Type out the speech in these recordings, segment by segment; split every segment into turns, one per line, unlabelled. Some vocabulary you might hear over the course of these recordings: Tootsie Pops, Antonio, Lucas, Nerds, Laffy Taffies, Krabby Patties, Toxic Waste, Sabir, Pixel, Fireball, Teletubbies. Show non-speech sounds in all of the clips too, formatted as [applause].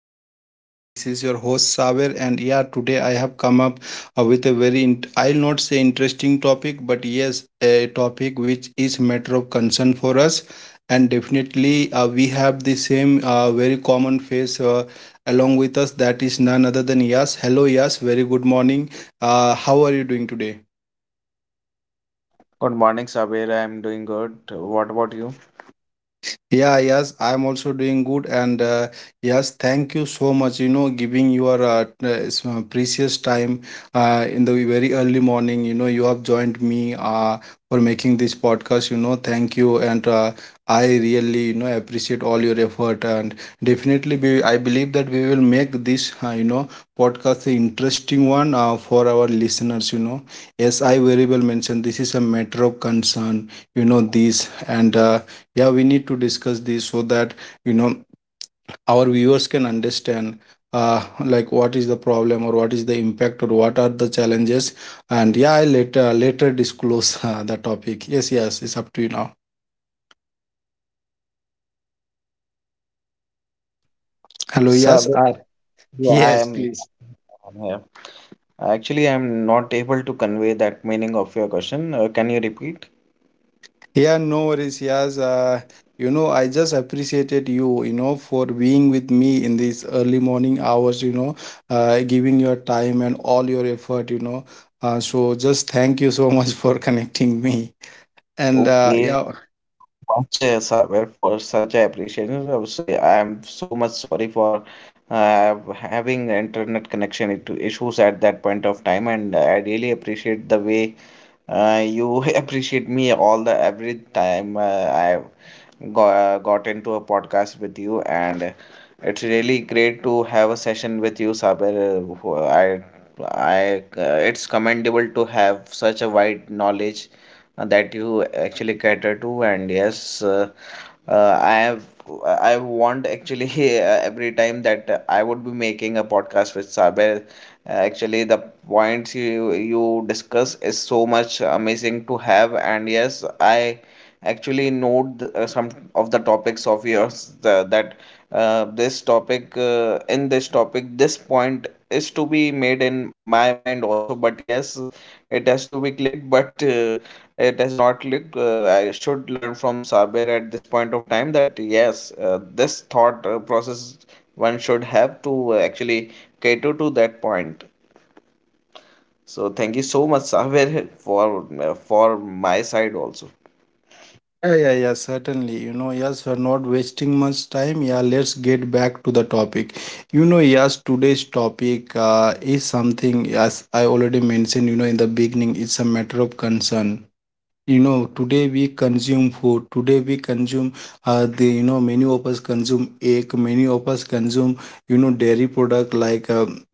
one and all. This is your host Saver, and yeah, today I have come up with a I'll not say interesting topic, but yes, a topic which is matter of concern for us, and definitely we have the same very common face along with us. That is none other than Yas. Hello, Yas. Very good morning. How are you doing today?
Good morning, Sabir. I'm doing good. What about you?
Yeah, yes, I'm also doing good. And yes, thank you so much, you know, giving your precious time in the very early morning. You know, you have joined me for making this podcast, you know, thank you. And I really, you know, appreciate all your effort. And definitely, we, I believe that we will make this, you know, podcast an interesting one for our listeners, you know. Yes, I very well mentioned this is a matter of concern, you know, this and yeah, we need to discuss this so that you know our viewers can understand, like what is the problem or what is the impact or what are the challenges, and yeah, I later disclose [laughs] the topic. Yes, yes, it's up to you now. Hello, yes,
Sabir, yeah, I
yes,
am
please.
I'm here. Actually, I'm not able to convey that meaning of your question. Can you repeat?
Yeah, no worries, yes, you know, I just appreciated you, you know, for being with me in these early morning hours, you know, giving your time and all your effort, you know, so just thank you so [laughs] much for connecting me. And
Okay,
yeah,
much Sabir for such appreciation. I'm so much sorry for uh, having internet connection issues at that point of time, and I really appreciate the way you [laughs] appreciate me all the every time I've got into a podcast with you, and it's really great to have a session with you, Saber. Uh, who- I, it's commendable to have such a wide knowledge that you actually cater to, and yes. Uh, i have I want actually [laughs] every time that I would be making a podcast with Saber. Actually, the points you discuss is so much amazing to have, and yes, I actually note some of the topics of yours, that this topic, in this topic, this point is to be made in my mind also, but yes, it has to be clicked, but it has not clicked. I should learn from Sabir at this point of time that yes, this thought process one should have to actually cater to that point. So thank you so much, Sabir, for for my side also.
yeah, certainly. You know, yes, we're not wasting much time. Yeah, let's get back to the topic. You know, yes, today's topic is something, as I already mentioned, you know, in the beginning, it's a matter of concern. You know, today we consume food. Today we consume, the, you know, many of us consume egg. Many of us consume, you know, dairy product like,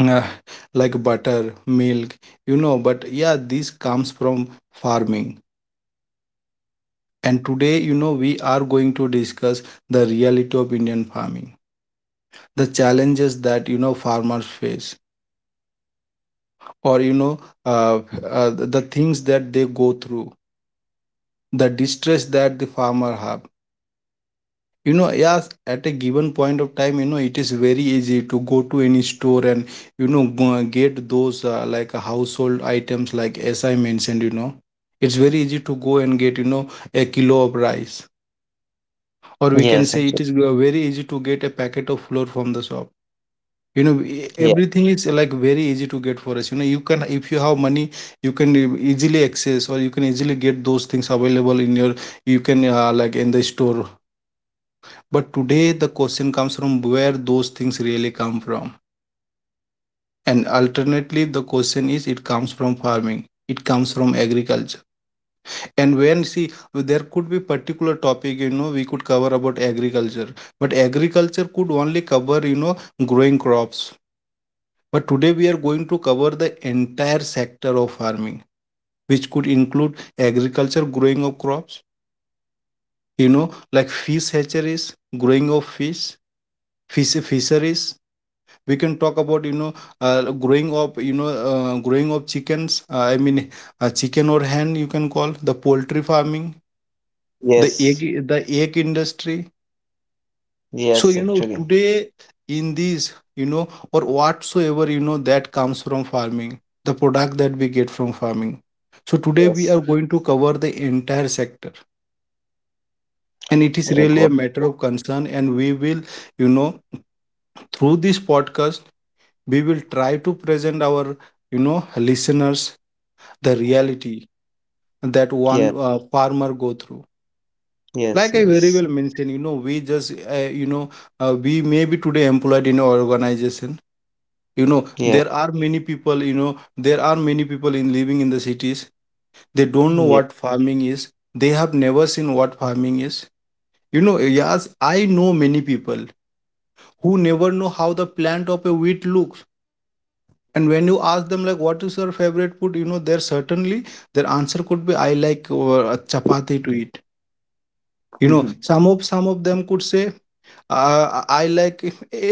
uh, [clears throat] like butter, milk, you know. But yeah, this comes from farming. And today, you know, we are going to discuss the reality of Indian farming, the challenges that, you know, farmers face, or, you know, the things that they go through, the distress that the farmer have. You know, yes, at a given point of time, you know, it is very easy to go to any store and, you know, get those like household items, like as I mentioned, you know. It's very easy to go and get, you know, a kilo of rice, or we can
Yes,
say
actually.
it is very easy to get a packet of flour from the shop. You know,
Yeah.
everything is like very easy to get for us. You know, you can, if you have money, you can easily access, or you can easily get those things available in your, you can like in the store. But today the question comes, from where those things really come from? And alternately, the question is, it comes from farming, it comes from agriculture. And when see, there could be particular topic, you know, we could cover about agriculture, but agriculture could only cover, you know, growing crops. But today we are going to cover the entire sector of farming, which could include agriculture, growing of crops, you know, like fish hatcheries, growing of fish, fish fisheries. We can talk about, you know, growing of, you know, growing of chickens. I mean, chicken or hen, you can call the poultry farming,
Yes.
the egg industry. So,
Yes,
you know,
actually.
today in these, you know, or whatsoever, you know, that comes from farming, the product that we get from farming. So, today we
Yes.
are going to cover the entire sector, and it is
It
really
was.
a matter of concern. And we will, you know, through this podcast, we will try to present our, you know, listeners the reality that one
Yeah.
farmer go through. Like
Yes.
I very well
Yes.
mentioned, you know, we just, you know, we may be today employed in an organization, you know. There
Yeah.
are many people, you know, there are many people in living in the cities, they don't know
Yeah.
what farming is. They have never seen what farming is, you know. Yes, I know many people who never know how the plant of a wheat looks. And when you ask them, like, what is your favorite food, you know, there certainly their answer could be, I like chapati to eat, you know.
Mhm.
Some of them could say, I like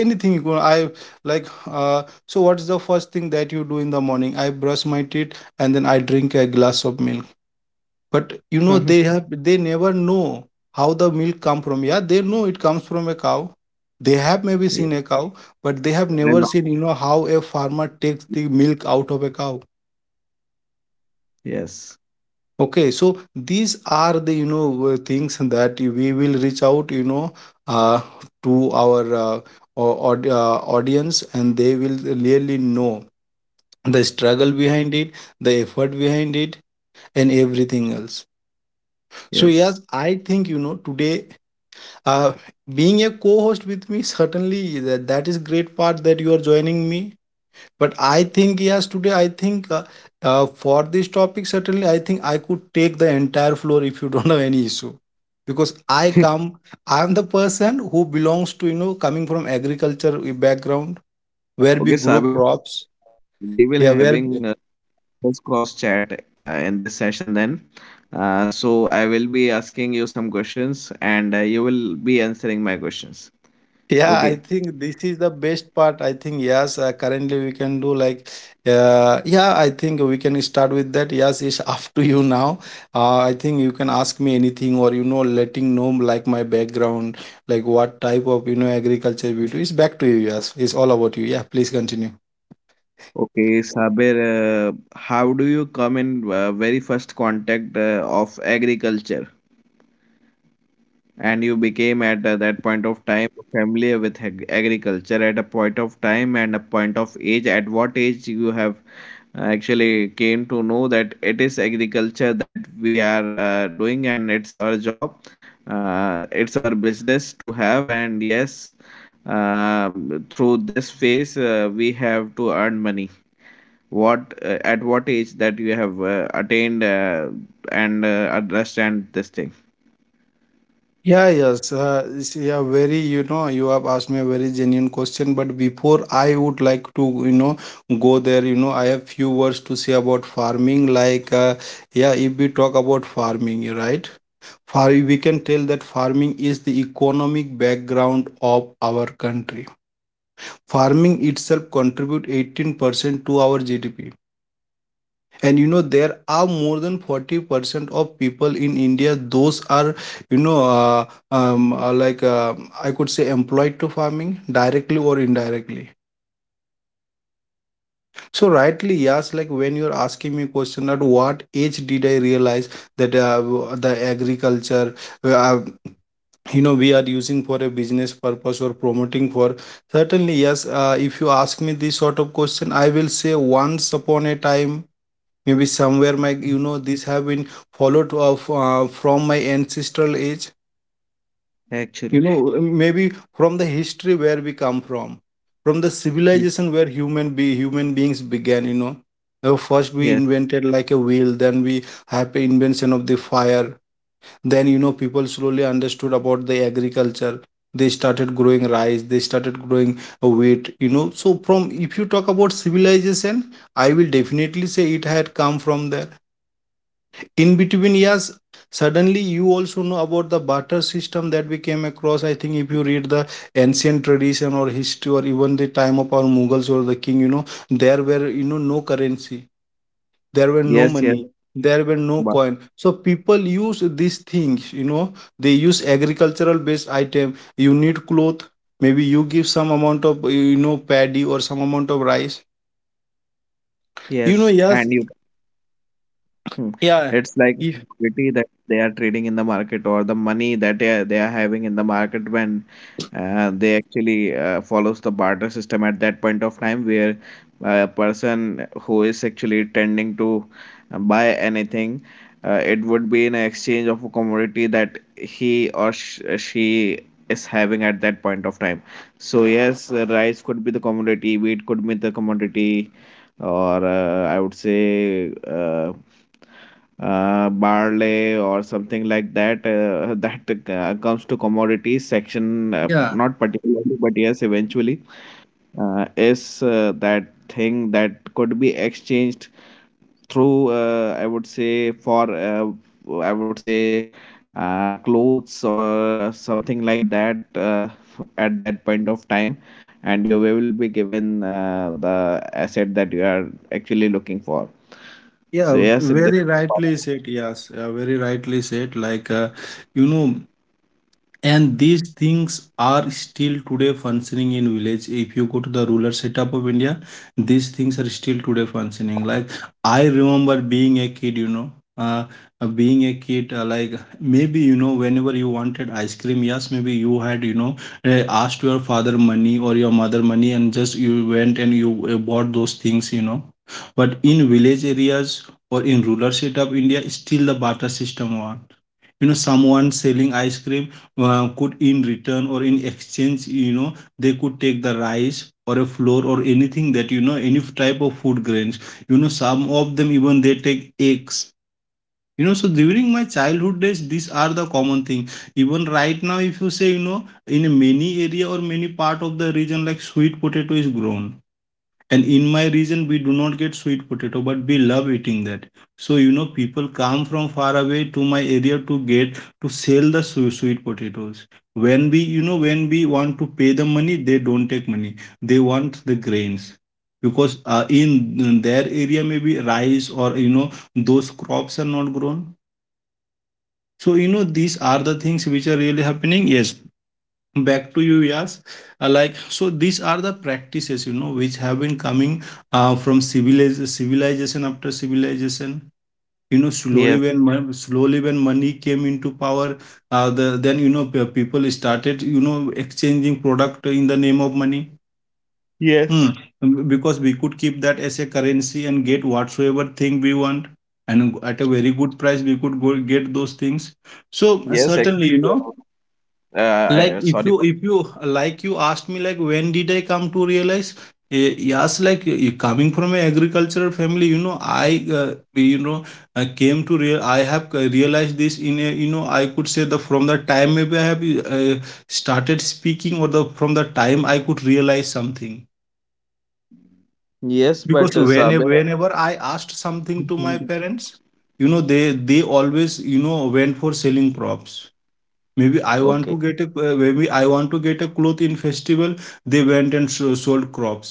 anything. You know, I like. So, what's the first thing that you do in the morning? I brush my teeth and then I drink a glass of milk. But you know,
[laughs]
they never know how the milk come from. Yeah, they know it comes from a cow. They have maybe
Yeah,
seen a cow, but they have
and I'm
never
not-
seen, you know, how a farmer takes the milk out of a cow.
yes,
Okay, so these are the, you know, things that we will reach out, you know, uh, to our audience, and they will really know the struggle behind it, the effort behind it, and everything else. So
yes.
yes, I think you know today, uh, being a co-host with me, certainly that that is great part that you are joining me. But I think, yes, today I think for this topic, certainly I think I could take the entire floor if you [laughs] don't have any issue. Because I come, I'm the person who belongs to, you know, coming from agriculture background where we
Okay,
grow
Sabir,
crops.
we will
Yeah, where
having. Let's cross chat in this session then. So I will be asking you some questions, and you will be answering my questions.
yeah, I
Okay.
think this is the best part. I think yes, currently we can do like, yeah, I think we can start with that. Yes, it's [laughs] up to you now. I think you can ask me anything, or you know, letting know like my background, like what type of you know agriculture we do. It's back to you. Yes, it's all about you. Yeah, please continue.
Okay, Sabir, how do you come in very first contact of agriculture? And you became at that point of time familiar with agriculture at a point of time and a point of age. At what age you have actually came to know that it is agriculture that we are doing and it's our job, it's our business to have, and yes, through this phase we have to earn money. What At what age that you have attained and understand this thing.
Yeah, yes. Yeah, very, you know, you have asked me a very genuine question, but before I would like to, you know, go there, you know, I have few words to say about farming. Like, yeah, if we talk about farming, you're right? Far, we can tell that farming is the economic background of our country. Farming itself contribute 18% to our GDP, and you know there are more than 40% of people in india, those are, you know, like, I could say employed to farming directly or indirectly. So rightly, yes, like when you're asking me question, at what age did I realize that the agriculture, uh, you know, we are using for a business purpose or promoting for, certainly yes, if you ask me this sort of question, I will say once upon a time, maybe somewhere my, you know, this have been followed of from my ancestral age,
Actually,
you know, maybe from the history where we come from the
Ye-
civilization where human beings began, you know. First we
yeah,
invented like a wheel, then we have the invention of the fire, then you know people slowly understood about the agriculture. They started growing rice, they started growing wheat, you know. So from, if you talk about civilization, I will definitely say it had come from there. In between, yes, suddenly you also know about the barter system that we came across. I think if you read the ancient tradition or history or even the time of our mughals or the king, you know, there were, you know, no currency, there were no
yes, yes.
money, there were no
Subha.
coin, so people use these things, you know, they use agricultural based item. You need cloth, maybe you give some amount of, you know, paddy or some amount of rice, you know.
Yes.
Yes,
And you. Hmm.
yeah,
It's like
if,
equity that they are trading in the market, or the money that they are having in the market, when they actually follows the barter system at that point of time, where a person who is actually tending to buy anything, it would be in exchange of a commodity that he or she is having at that point of time. So yes, rice could be the commodity, wheat could be the commodity, or I would say. Barley or something like that, [laughs] that comes to commodities section,
yeah.
not particularly, but yes, eventually is that thing that could be exchanged through, I would say, for, I would say, clothes or something like that, at that point of time, and you will be given the asset that you are actually looking for.
Yeah,
So yes, it,
very rightly said. Yes, very rightly said. Like, you know, and these things are still today functioning in village. If you go to the rural setup of India, these things are still today functioning. Like I remember being a kid, you know, uh, like maybe you know, whenever you wanted ice cream, yes, maybe you had you know asked your father money or your mother money, and just you went and you bought those things, you know. But in village areas or in rural setup India, still the barter system one, someone selling ice cream could in return or in exchange, they could take the rice or a flour or anything, that any type of food grains. Some of them even they take eggs. So during my childhood days these are the common thing. Even right now if you say, in a many area or many part of the region, like sweet potato is grown, and in my region, we do not get sweet potato, but we love eating that. So, people come from far away to my area to get to sell the su sweet potatoes. When we want to pay the money, they don't take money. They want the grains, because in their area maybe rice, or those crops are not grown. So these are the things which are really happening. Yes, back to you, Yas. So these are the practices, which have been coming from civilization after civilization. Slowly
yes,
when money came into power, then people started, exchanging product in the name of money. Hmm.
yes.
Because we could keep that as a currency and get whatsoever thing we want, and at a very good price we could go get those things. So
Yes, actually,
certainly,
I,
like if
sorry
you
for.
if you like, you asked me like, when did I come to realize. Yes, like, coming from a agricultural family, I, I came to real I have realized this in a, I could say the from the time maybe I have uh, started speaking, or the from the time I could realize something.
Yes, but
Because
Sabir,
whenever I asked something to my
[laughs]
parents, they, always, went for selling crops. Maybe I want to
okay,
get a, cloth in festival. They went and sold crops.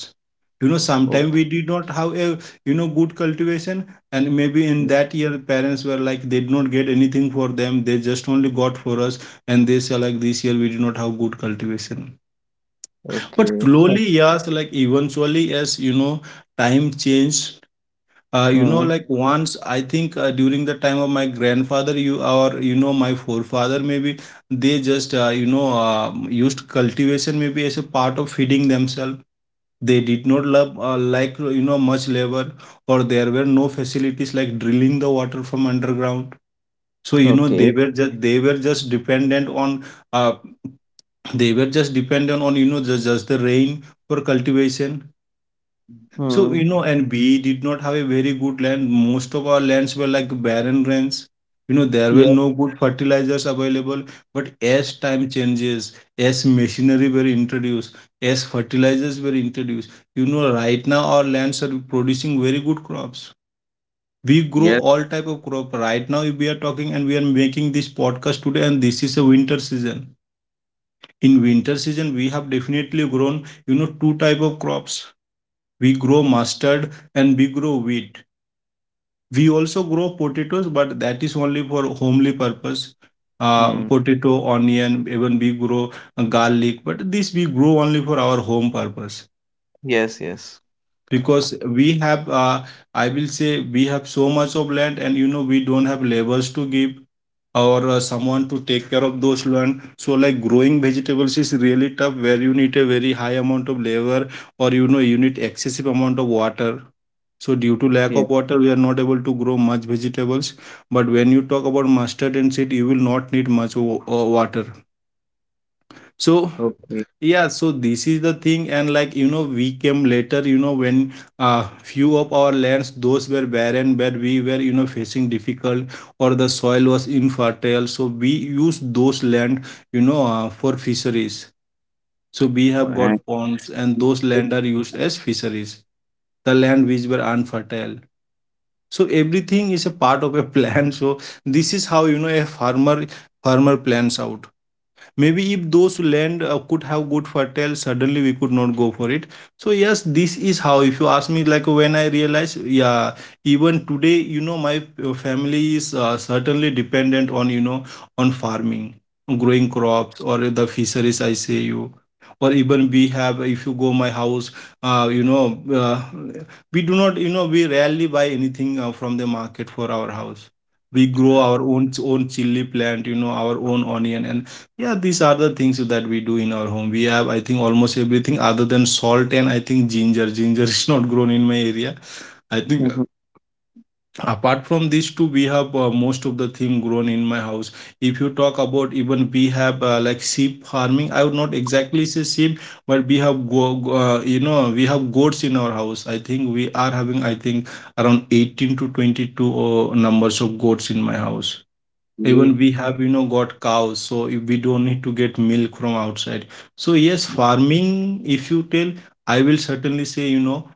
You know, sometime
okay,
we did not have a, good cultivation, and maybe in
yes,
that year parents were like they did not get anything for them. They just only got for us, and they say like this year we did not have good cultivation. But
okay,
slowly, yes, like eventually, as you know, time change.
hmm,
Like once I think, during the time of my grandfather, you or my forefather maybe, they just, used cultivation maybe as a part of feeding themselves. They did not love like, much labor, or there were no facilities like drilling the water from underground. So
okay,
they were just dependent on uh, just, the rain for cultivation. So,
hmm,
you know, and we did not have a very good land. Most of our lands were like barren lands. You know, there were
yes,
no good fertilizers available. But as time changes, as machinery were introduced, as fertilizers were introduced, you know, right now our lands are producing very good crops. We grow
yes,
all type of crop. Right now we are talking and we are making this podcast today, and this is a winter season. In winter season, we have definitely grown, you know, two type of crops. We grow mustard and we grow wheat. We also grow potatoes, but that is only for homely purpose.
hmm,
Potato, onion, even we grow garlic, but this we grow only for our home purpose,
yes, yes,
because we have, I will say we have so much of land, and you know we don't have labors to give, or someone to take care of those land. So like growing vegetables is really tough, where you need a very high amount of labor, or you know you need excessive amount of water. So due to
yeah,
lack of water we are not able to grow much vegetables. But when you talk about mustard and seed you will not need much water. So
okay.
yeah, so this is the thing, and like you know, we came later. You know, when few of our lands, those were barren, where we were you know facing difficult, or the soil was infertile. So we used those land, for fisheries. So we have
Fine.
got ponds, and those land are used as fisheries. The land which were unfertile. So everything is a part of a plan. [laughs] So this is how you know a farmer plans out. Maybe if those land could have good fertile, suddenly we could not go for it. So yes, this is how. If you ask me, like when I realize, yeah, even today, you know, my family is certainly dependent on, you know, on farming, growing crops or the fisheries. I say you. Or even we have, if you go my house, uh, you know, uh, we do not, you know, we rarely buy anything from the market for our house. We grow our own chili plant, you know, our own onion, and yeah, these are the things that we do in our home. We have, I think, almost everything other than salt and I think ginger. [laughs] Ginger is not grown in my area. I think,
Mhm.
apart from these two, we have most of the thing grown in my house. If you talk about, even we have like sheep farming, I would not exactly say sheep, but we have you know, we have goats in our house. I think we are having, I think, around 18 to 22 numbers of goats in my house. Even
Ye-
we have, you know, got cows, so if we don't need to get milk from outside. So yes, farming, if you tell, I will certainly say, you know,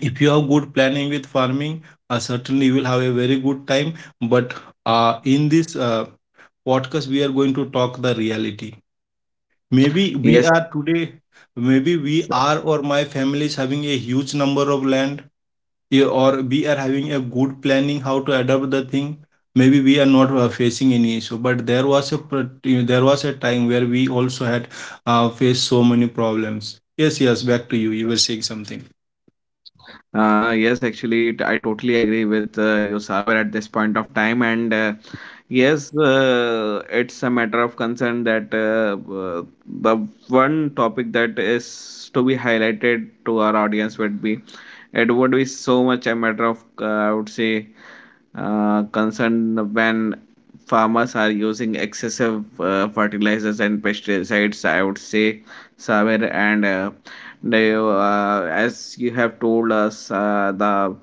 if you have good planning with farming, certainly you will have a very good time. But in this podcast we are going to talk the reality. Maybe we
yes.
are today, maybe we are, or my family is having a huge number of land, yeah, or we are having a good planning how to adapt the thing. Maybe we are not facing any issue, but there was a you know, there was a time where we also had faced so many problems. Yes, yes, back to you, you were saying something.
Yes, actually, I totally agree with you, Saber, at this point of time. And yes, it's a matter of concern that, the one topic that is to be highlighted to our audience would be, it would be so much a matter of, I would say, concern when farmers are using excessive fertilizers and pesticides, I would say, Saber, and now, as you have told us, the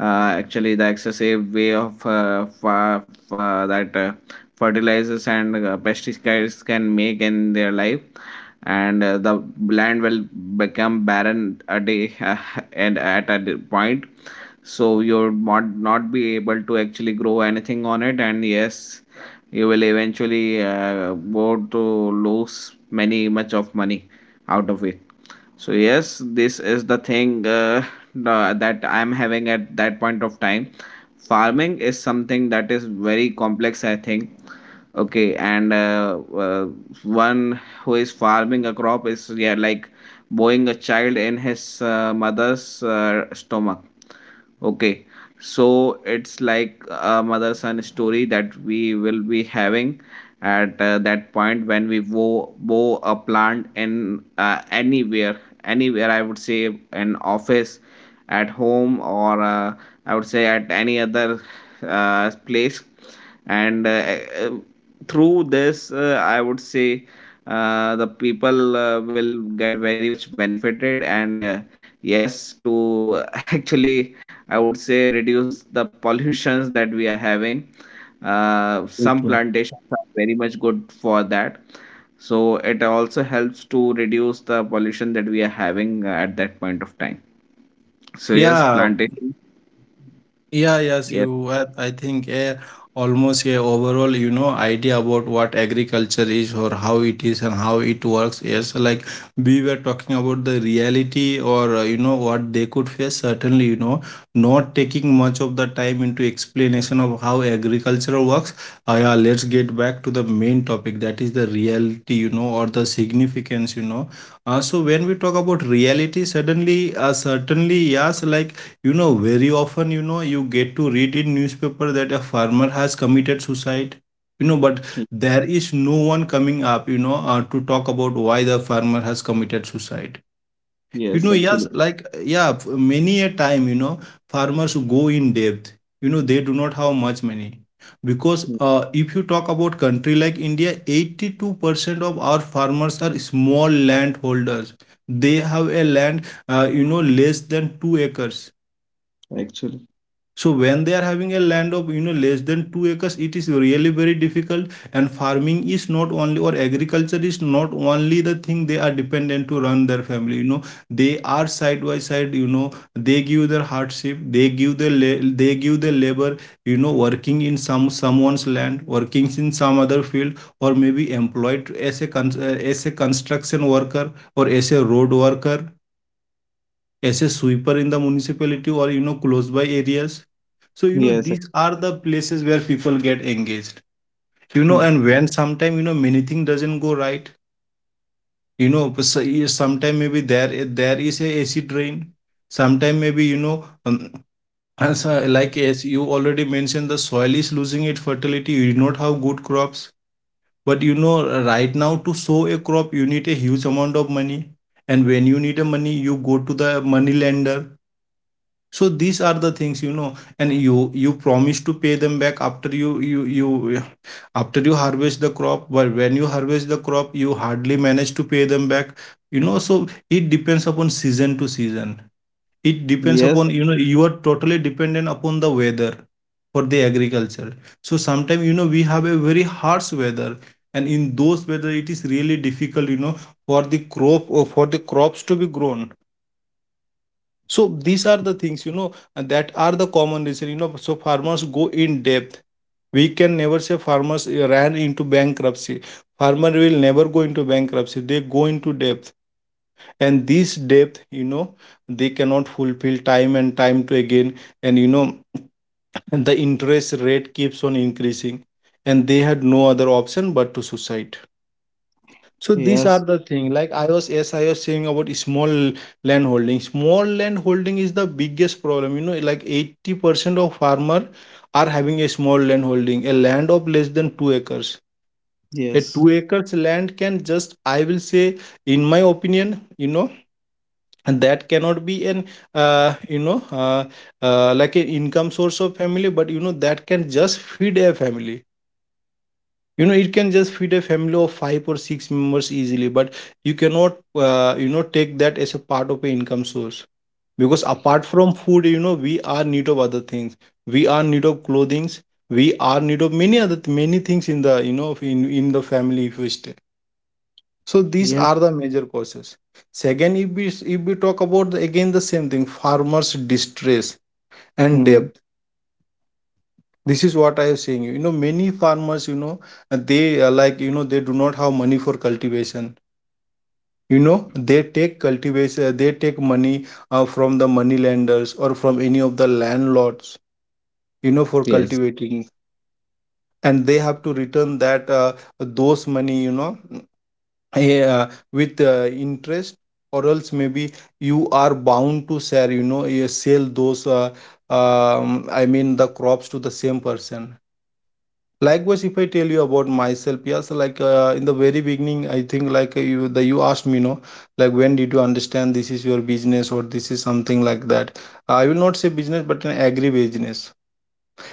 actually the excessive way of that fertilizers and pesticides can make in their life, and the land will become barren a day, [laughs] and at a point, so you might not be able to actually grow anything on it, and yes, you will eventually go to lose many much of money out of it. So yes, this is the thing, that I'm having at that point of time. Farming is something that is very complex, I think. Okay, and one who is farming a crop is, yeah, like bowing a child in his mother's stomach. Okay, so it's like a mother son story that we will be having at that point when we bow a plant in, anywhere, anywhere, I would say an office, at home, or, I would say at any other place. And uh, through this, I would say, the people will get very much benefited. And yes, to [laughs] actually, I would say, reduce the pollutions that we are having. Some
True,
plantations are very much good for that. So it also helps to reduce the pollution that we are having at that point of time. So yes,
yeah.
plantation.
Yeah, yes,
Yes.
you have, I think, a almost a overall, you know, idea about what agriculture is, or how it is and how it works. Yes, like we were talking about the reality, or, you know, what they could face. Certainly, you know, not taking much of the time into explanation of how agriculture works. Yeah, let's get back to the main topic, that is the reality, you know, or the significance, you know. So when we talk about reality, suddenly, certainly, yes, like, you know, very often, you know, you get to read in newspaper that a farmer has committed suicide. You know, but
Y-
there is no one coming up, you know, to talk about why the farmer has committed suicide. You know,
Yes,
yes,
actually.
like, yeah, many a time, you know, farmers go in depth. You know, they do not have much money. Because
Mm,
if you talk about country like India, 82% of our farmers are small landholders. They have a land, you know, less than 2 acres.
actually.
So when they are having a land of, you know, less than 2 acres, it is really very difficult. And farming is not only, or agriculture is not only the thing they are dependent to run their family. You know, they are side by side, you know, they give their hardship, they give their they give their labor, you know, working in someone's land, working in some other field, or maybe employed as a as a construction worker, or as a road worker, as a sweeper in the municipality, or you know, close by areas. So you know,
Yes.
these are the places where people get engaged. You know,
Mm.
and when sometime, you know, many thing doesn't go right, you know, sometimes maybe there is a AC drain. Sometime maybe you know, um, [laughs] like as you already mentioned, the soil is losing its fertility, you do not have good crops. But you know, right now to sow a crop you need a huge amount of money. And when you need a money you go to the money lender. So these are the things you know. And you promise to pay them back after you after you harvest the crop, but when you harvest the crop you hardly manage to pay them back, you know. So it depends upon season to season. It depends
Yes.
upon, you know, you are totally dependent upon the weather for the agriculture. So sometimes you know we have a very harsh weather, and in those weather it is really difficult, you know, for the crop or for the crops to be grown. So these are the things you know, and that are the common reason you know. So farmers go in depth. We can never say farmers ran into bankruptcy. Farmer will never go into bankruptcy, they go into depth. And this depth you know, they cannot fulfill time and time to again. And you know, the interest rate keeps on increasing, and they had no other option but to suicide. So these are
Yes.
the thing. Like I was, yes, I was saying about small land holding. Small land holding is the biggest problem. You know, like 80% of farmer are having a small land holding, a land of less than 2 acres. A two
Yes.
acres land can just, I will say, in my opinion, you know, and that cannot be an, uh, you know, uh, like an income source of family. But you know, that can just feed a family, you know, it can just feed a family of five or six members easily. But you cannot, you know, take that as a part of an income source, because apart from food you know we are need of other things. We are need of clothing. We are need of many other many things in the, you know, in the family if we stay. So these
Yes.
are the major causes. Second, if we, if we talk about the, again, the same thing, farmers distress and debt.
Mm.
This is what I am saying. You know, many farmers, you know, they, like, you know, they do not have money for cultivation. You know, they take cultivation, they take money from the money lenders or from any of the landlords, you know, for
Yes.
cultivating. And they have to return that, those money, you know, with interest. Or else maybe you are bound to sell, you know, sell those, I mean, the crops to the same person. Likewise, if I tell you about myself, yes, like, in the very beginning, I think, like, you asked me, no, like, when did you understand this is your business or this is something like that. I will not say business, but an agri business.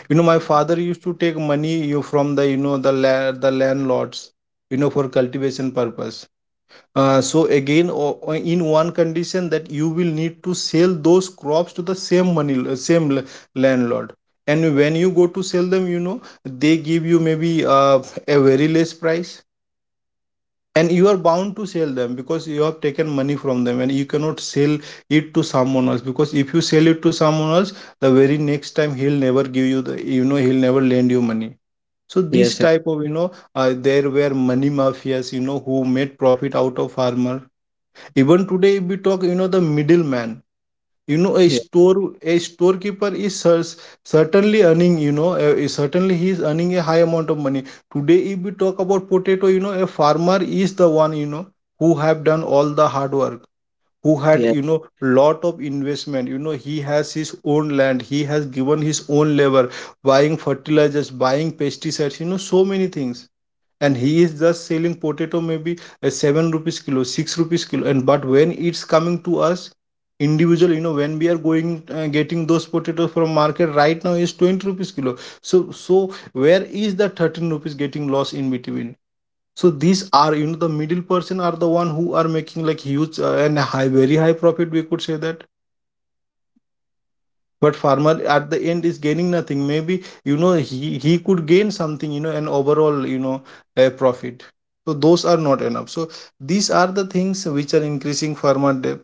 You know, my father used to take money you from the, you know, the landlords, you know, for cultivation purpose. So again, in one condition that you will need to sell those crops to the same money, same landlord. And when you go to sell them, you know they give you maybe, a very less price, and you are bound to sell them because you have taken money from them, and you cannot sell it to someone else, because if you sell it to someone else, the very next time he'll never give you the, you know, he'll never lend you money. So this
Yes.
type of, you know, there were money mafias, you know, who made profit out of farmer. Even today, if we talk, you know, the middleman, you know, a store, a storekeeper is cer- certainly earning, you know, certainly he is earning a high amount of money. Today, if we talk about potato, you know, a farmer is the one, you know, who have done all the hard work, who had,
Yes.
you know, lot of investment. You know, he has his own land, he has given his own labor, buying fertilizers, buying pesticides, you know, so many things, and he is just selling potato maybe 7 rupees kilo, 6 rupees kilo. And but when it's coming to us individual, you know, when we are going, getting those potatoes from market right now is 20 rupees kilo. So where is the 13 rupees getting lost in between? So these are, you know, the middle person are the one who are making like huge, and high, very high profit, we could say that. But farmer at the end is gaining nothing. Maybe, you know, he could gain something, you know, an overall, you know, a profit. So those are not enough. So these are the things which are increasing farmer debt.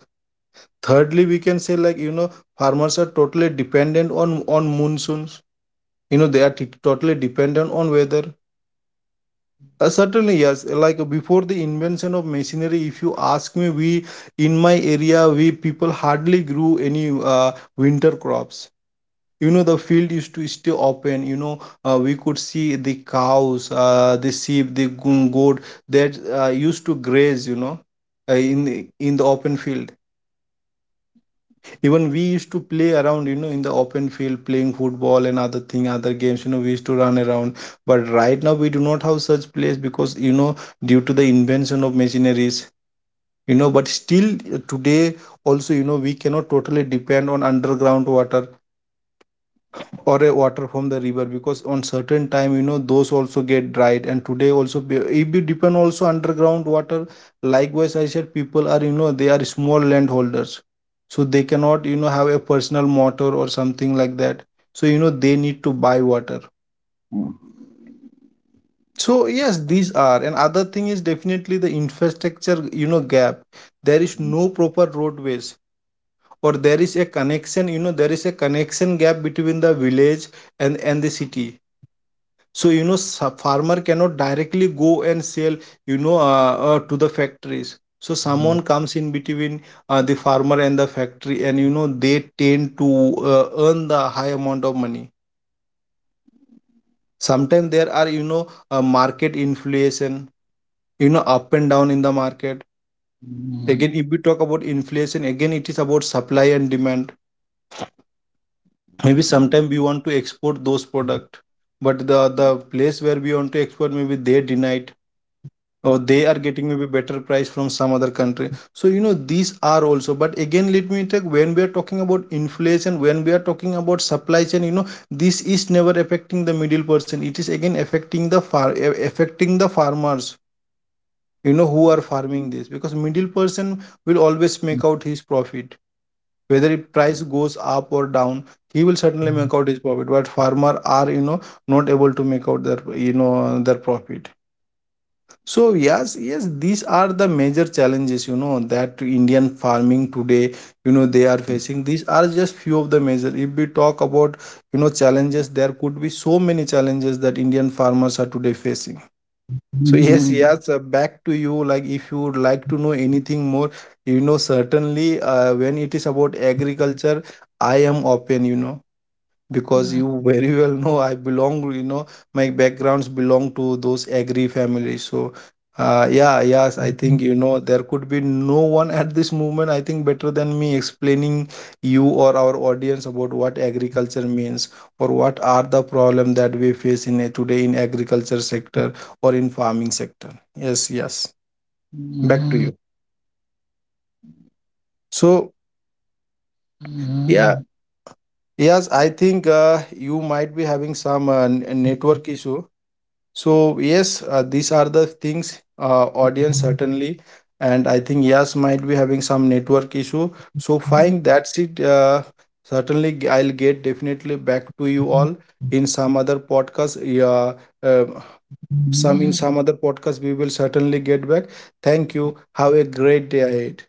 Thirdly, we can say like, you know, farmers are totally dependent on monsoons. You know, they are totally dependent on weather. Certainly yes, like before the invention of machinery, if you ask me, we in my area, we people hardly grew any uh, winter crops. You know, the field used to stay open, you know, we could see the cows, the sheep, the goat that used to graze, you know, in the open field. Even we used to play around, you know, in the open field playing football and other thing, other games, you know, we used to run around. But right now we do not have such place because, you know, due to the invention of machineries, you know. But still today also, you know, we cannot totally depend on underground water or a water from the river, because on certain time you know those also get dried. And today also if you depend also underground water, likewise I said, people are, you know, they are small landholders, so they cannot, you know, have a personal motor or something like that. So you know they need to buy water. So yes, these are, and other thing is definitely the infrastructure, you know, gap. There is no proper roadways, or there is a connection, you know, there is a connection gap between the village and the city. So you know, farmer cannot directly go and sell, you know, to the factories. So someone comes in between, the farmer and the factory, and you know they tend to, earn the high amount of money. Sometimes there are, you know, market inflation, you know, up and down in the market. Again, if we talk about inflation, again it is about supply and demand. Maybe sometimes we want to export those product, but the place where we want to export, maybe they deny it, or they are getting maybe better price from some other country. So you know, these are also, but again let me take, when we are talking about inflation, when we are talking about supply chain, you know, this is never affecting the middle person, it is again affecting the far affecting the farmers, you know, who are farming this. Because middle person will always make out his profit whether it price goes up or down. He will certainly make out his profit, but farmer are, you know, not able to make out their, you know, their profit. So yes, yes, these are the major challenges, you know, that Indian farming today, you know, they are facing. These are just few of the major. If we talk about, you know, challenges, there could be so many challenges that Indian farmers are today facing. So yes, yes, back to you. Like, if you would like to know anything more, you know, certainly when it is about agriculture, I am open, you know, because you very [laughs] well know I belong, you know, my backgrounds belong to those agri families. So, yeah, yes, I think, you know, there could be no one at this moment, I think, better than me explaining you or our audience about what agriculture means, or what are the problem that we face in a, today in agriculture sector or in farming sector. Yes, yes. Back to you. So, yeah, yes, I think you might be having some network issue. So yes, these are the things, audience, certainly, and I think Yas might be having some network issue. So fine, that's it. Certainly, I'll get definitely back to you all in some other podcast. Yeah, uh,
Yes.
some other podcast we will certainly get back. Thank you. Have a great day ahead.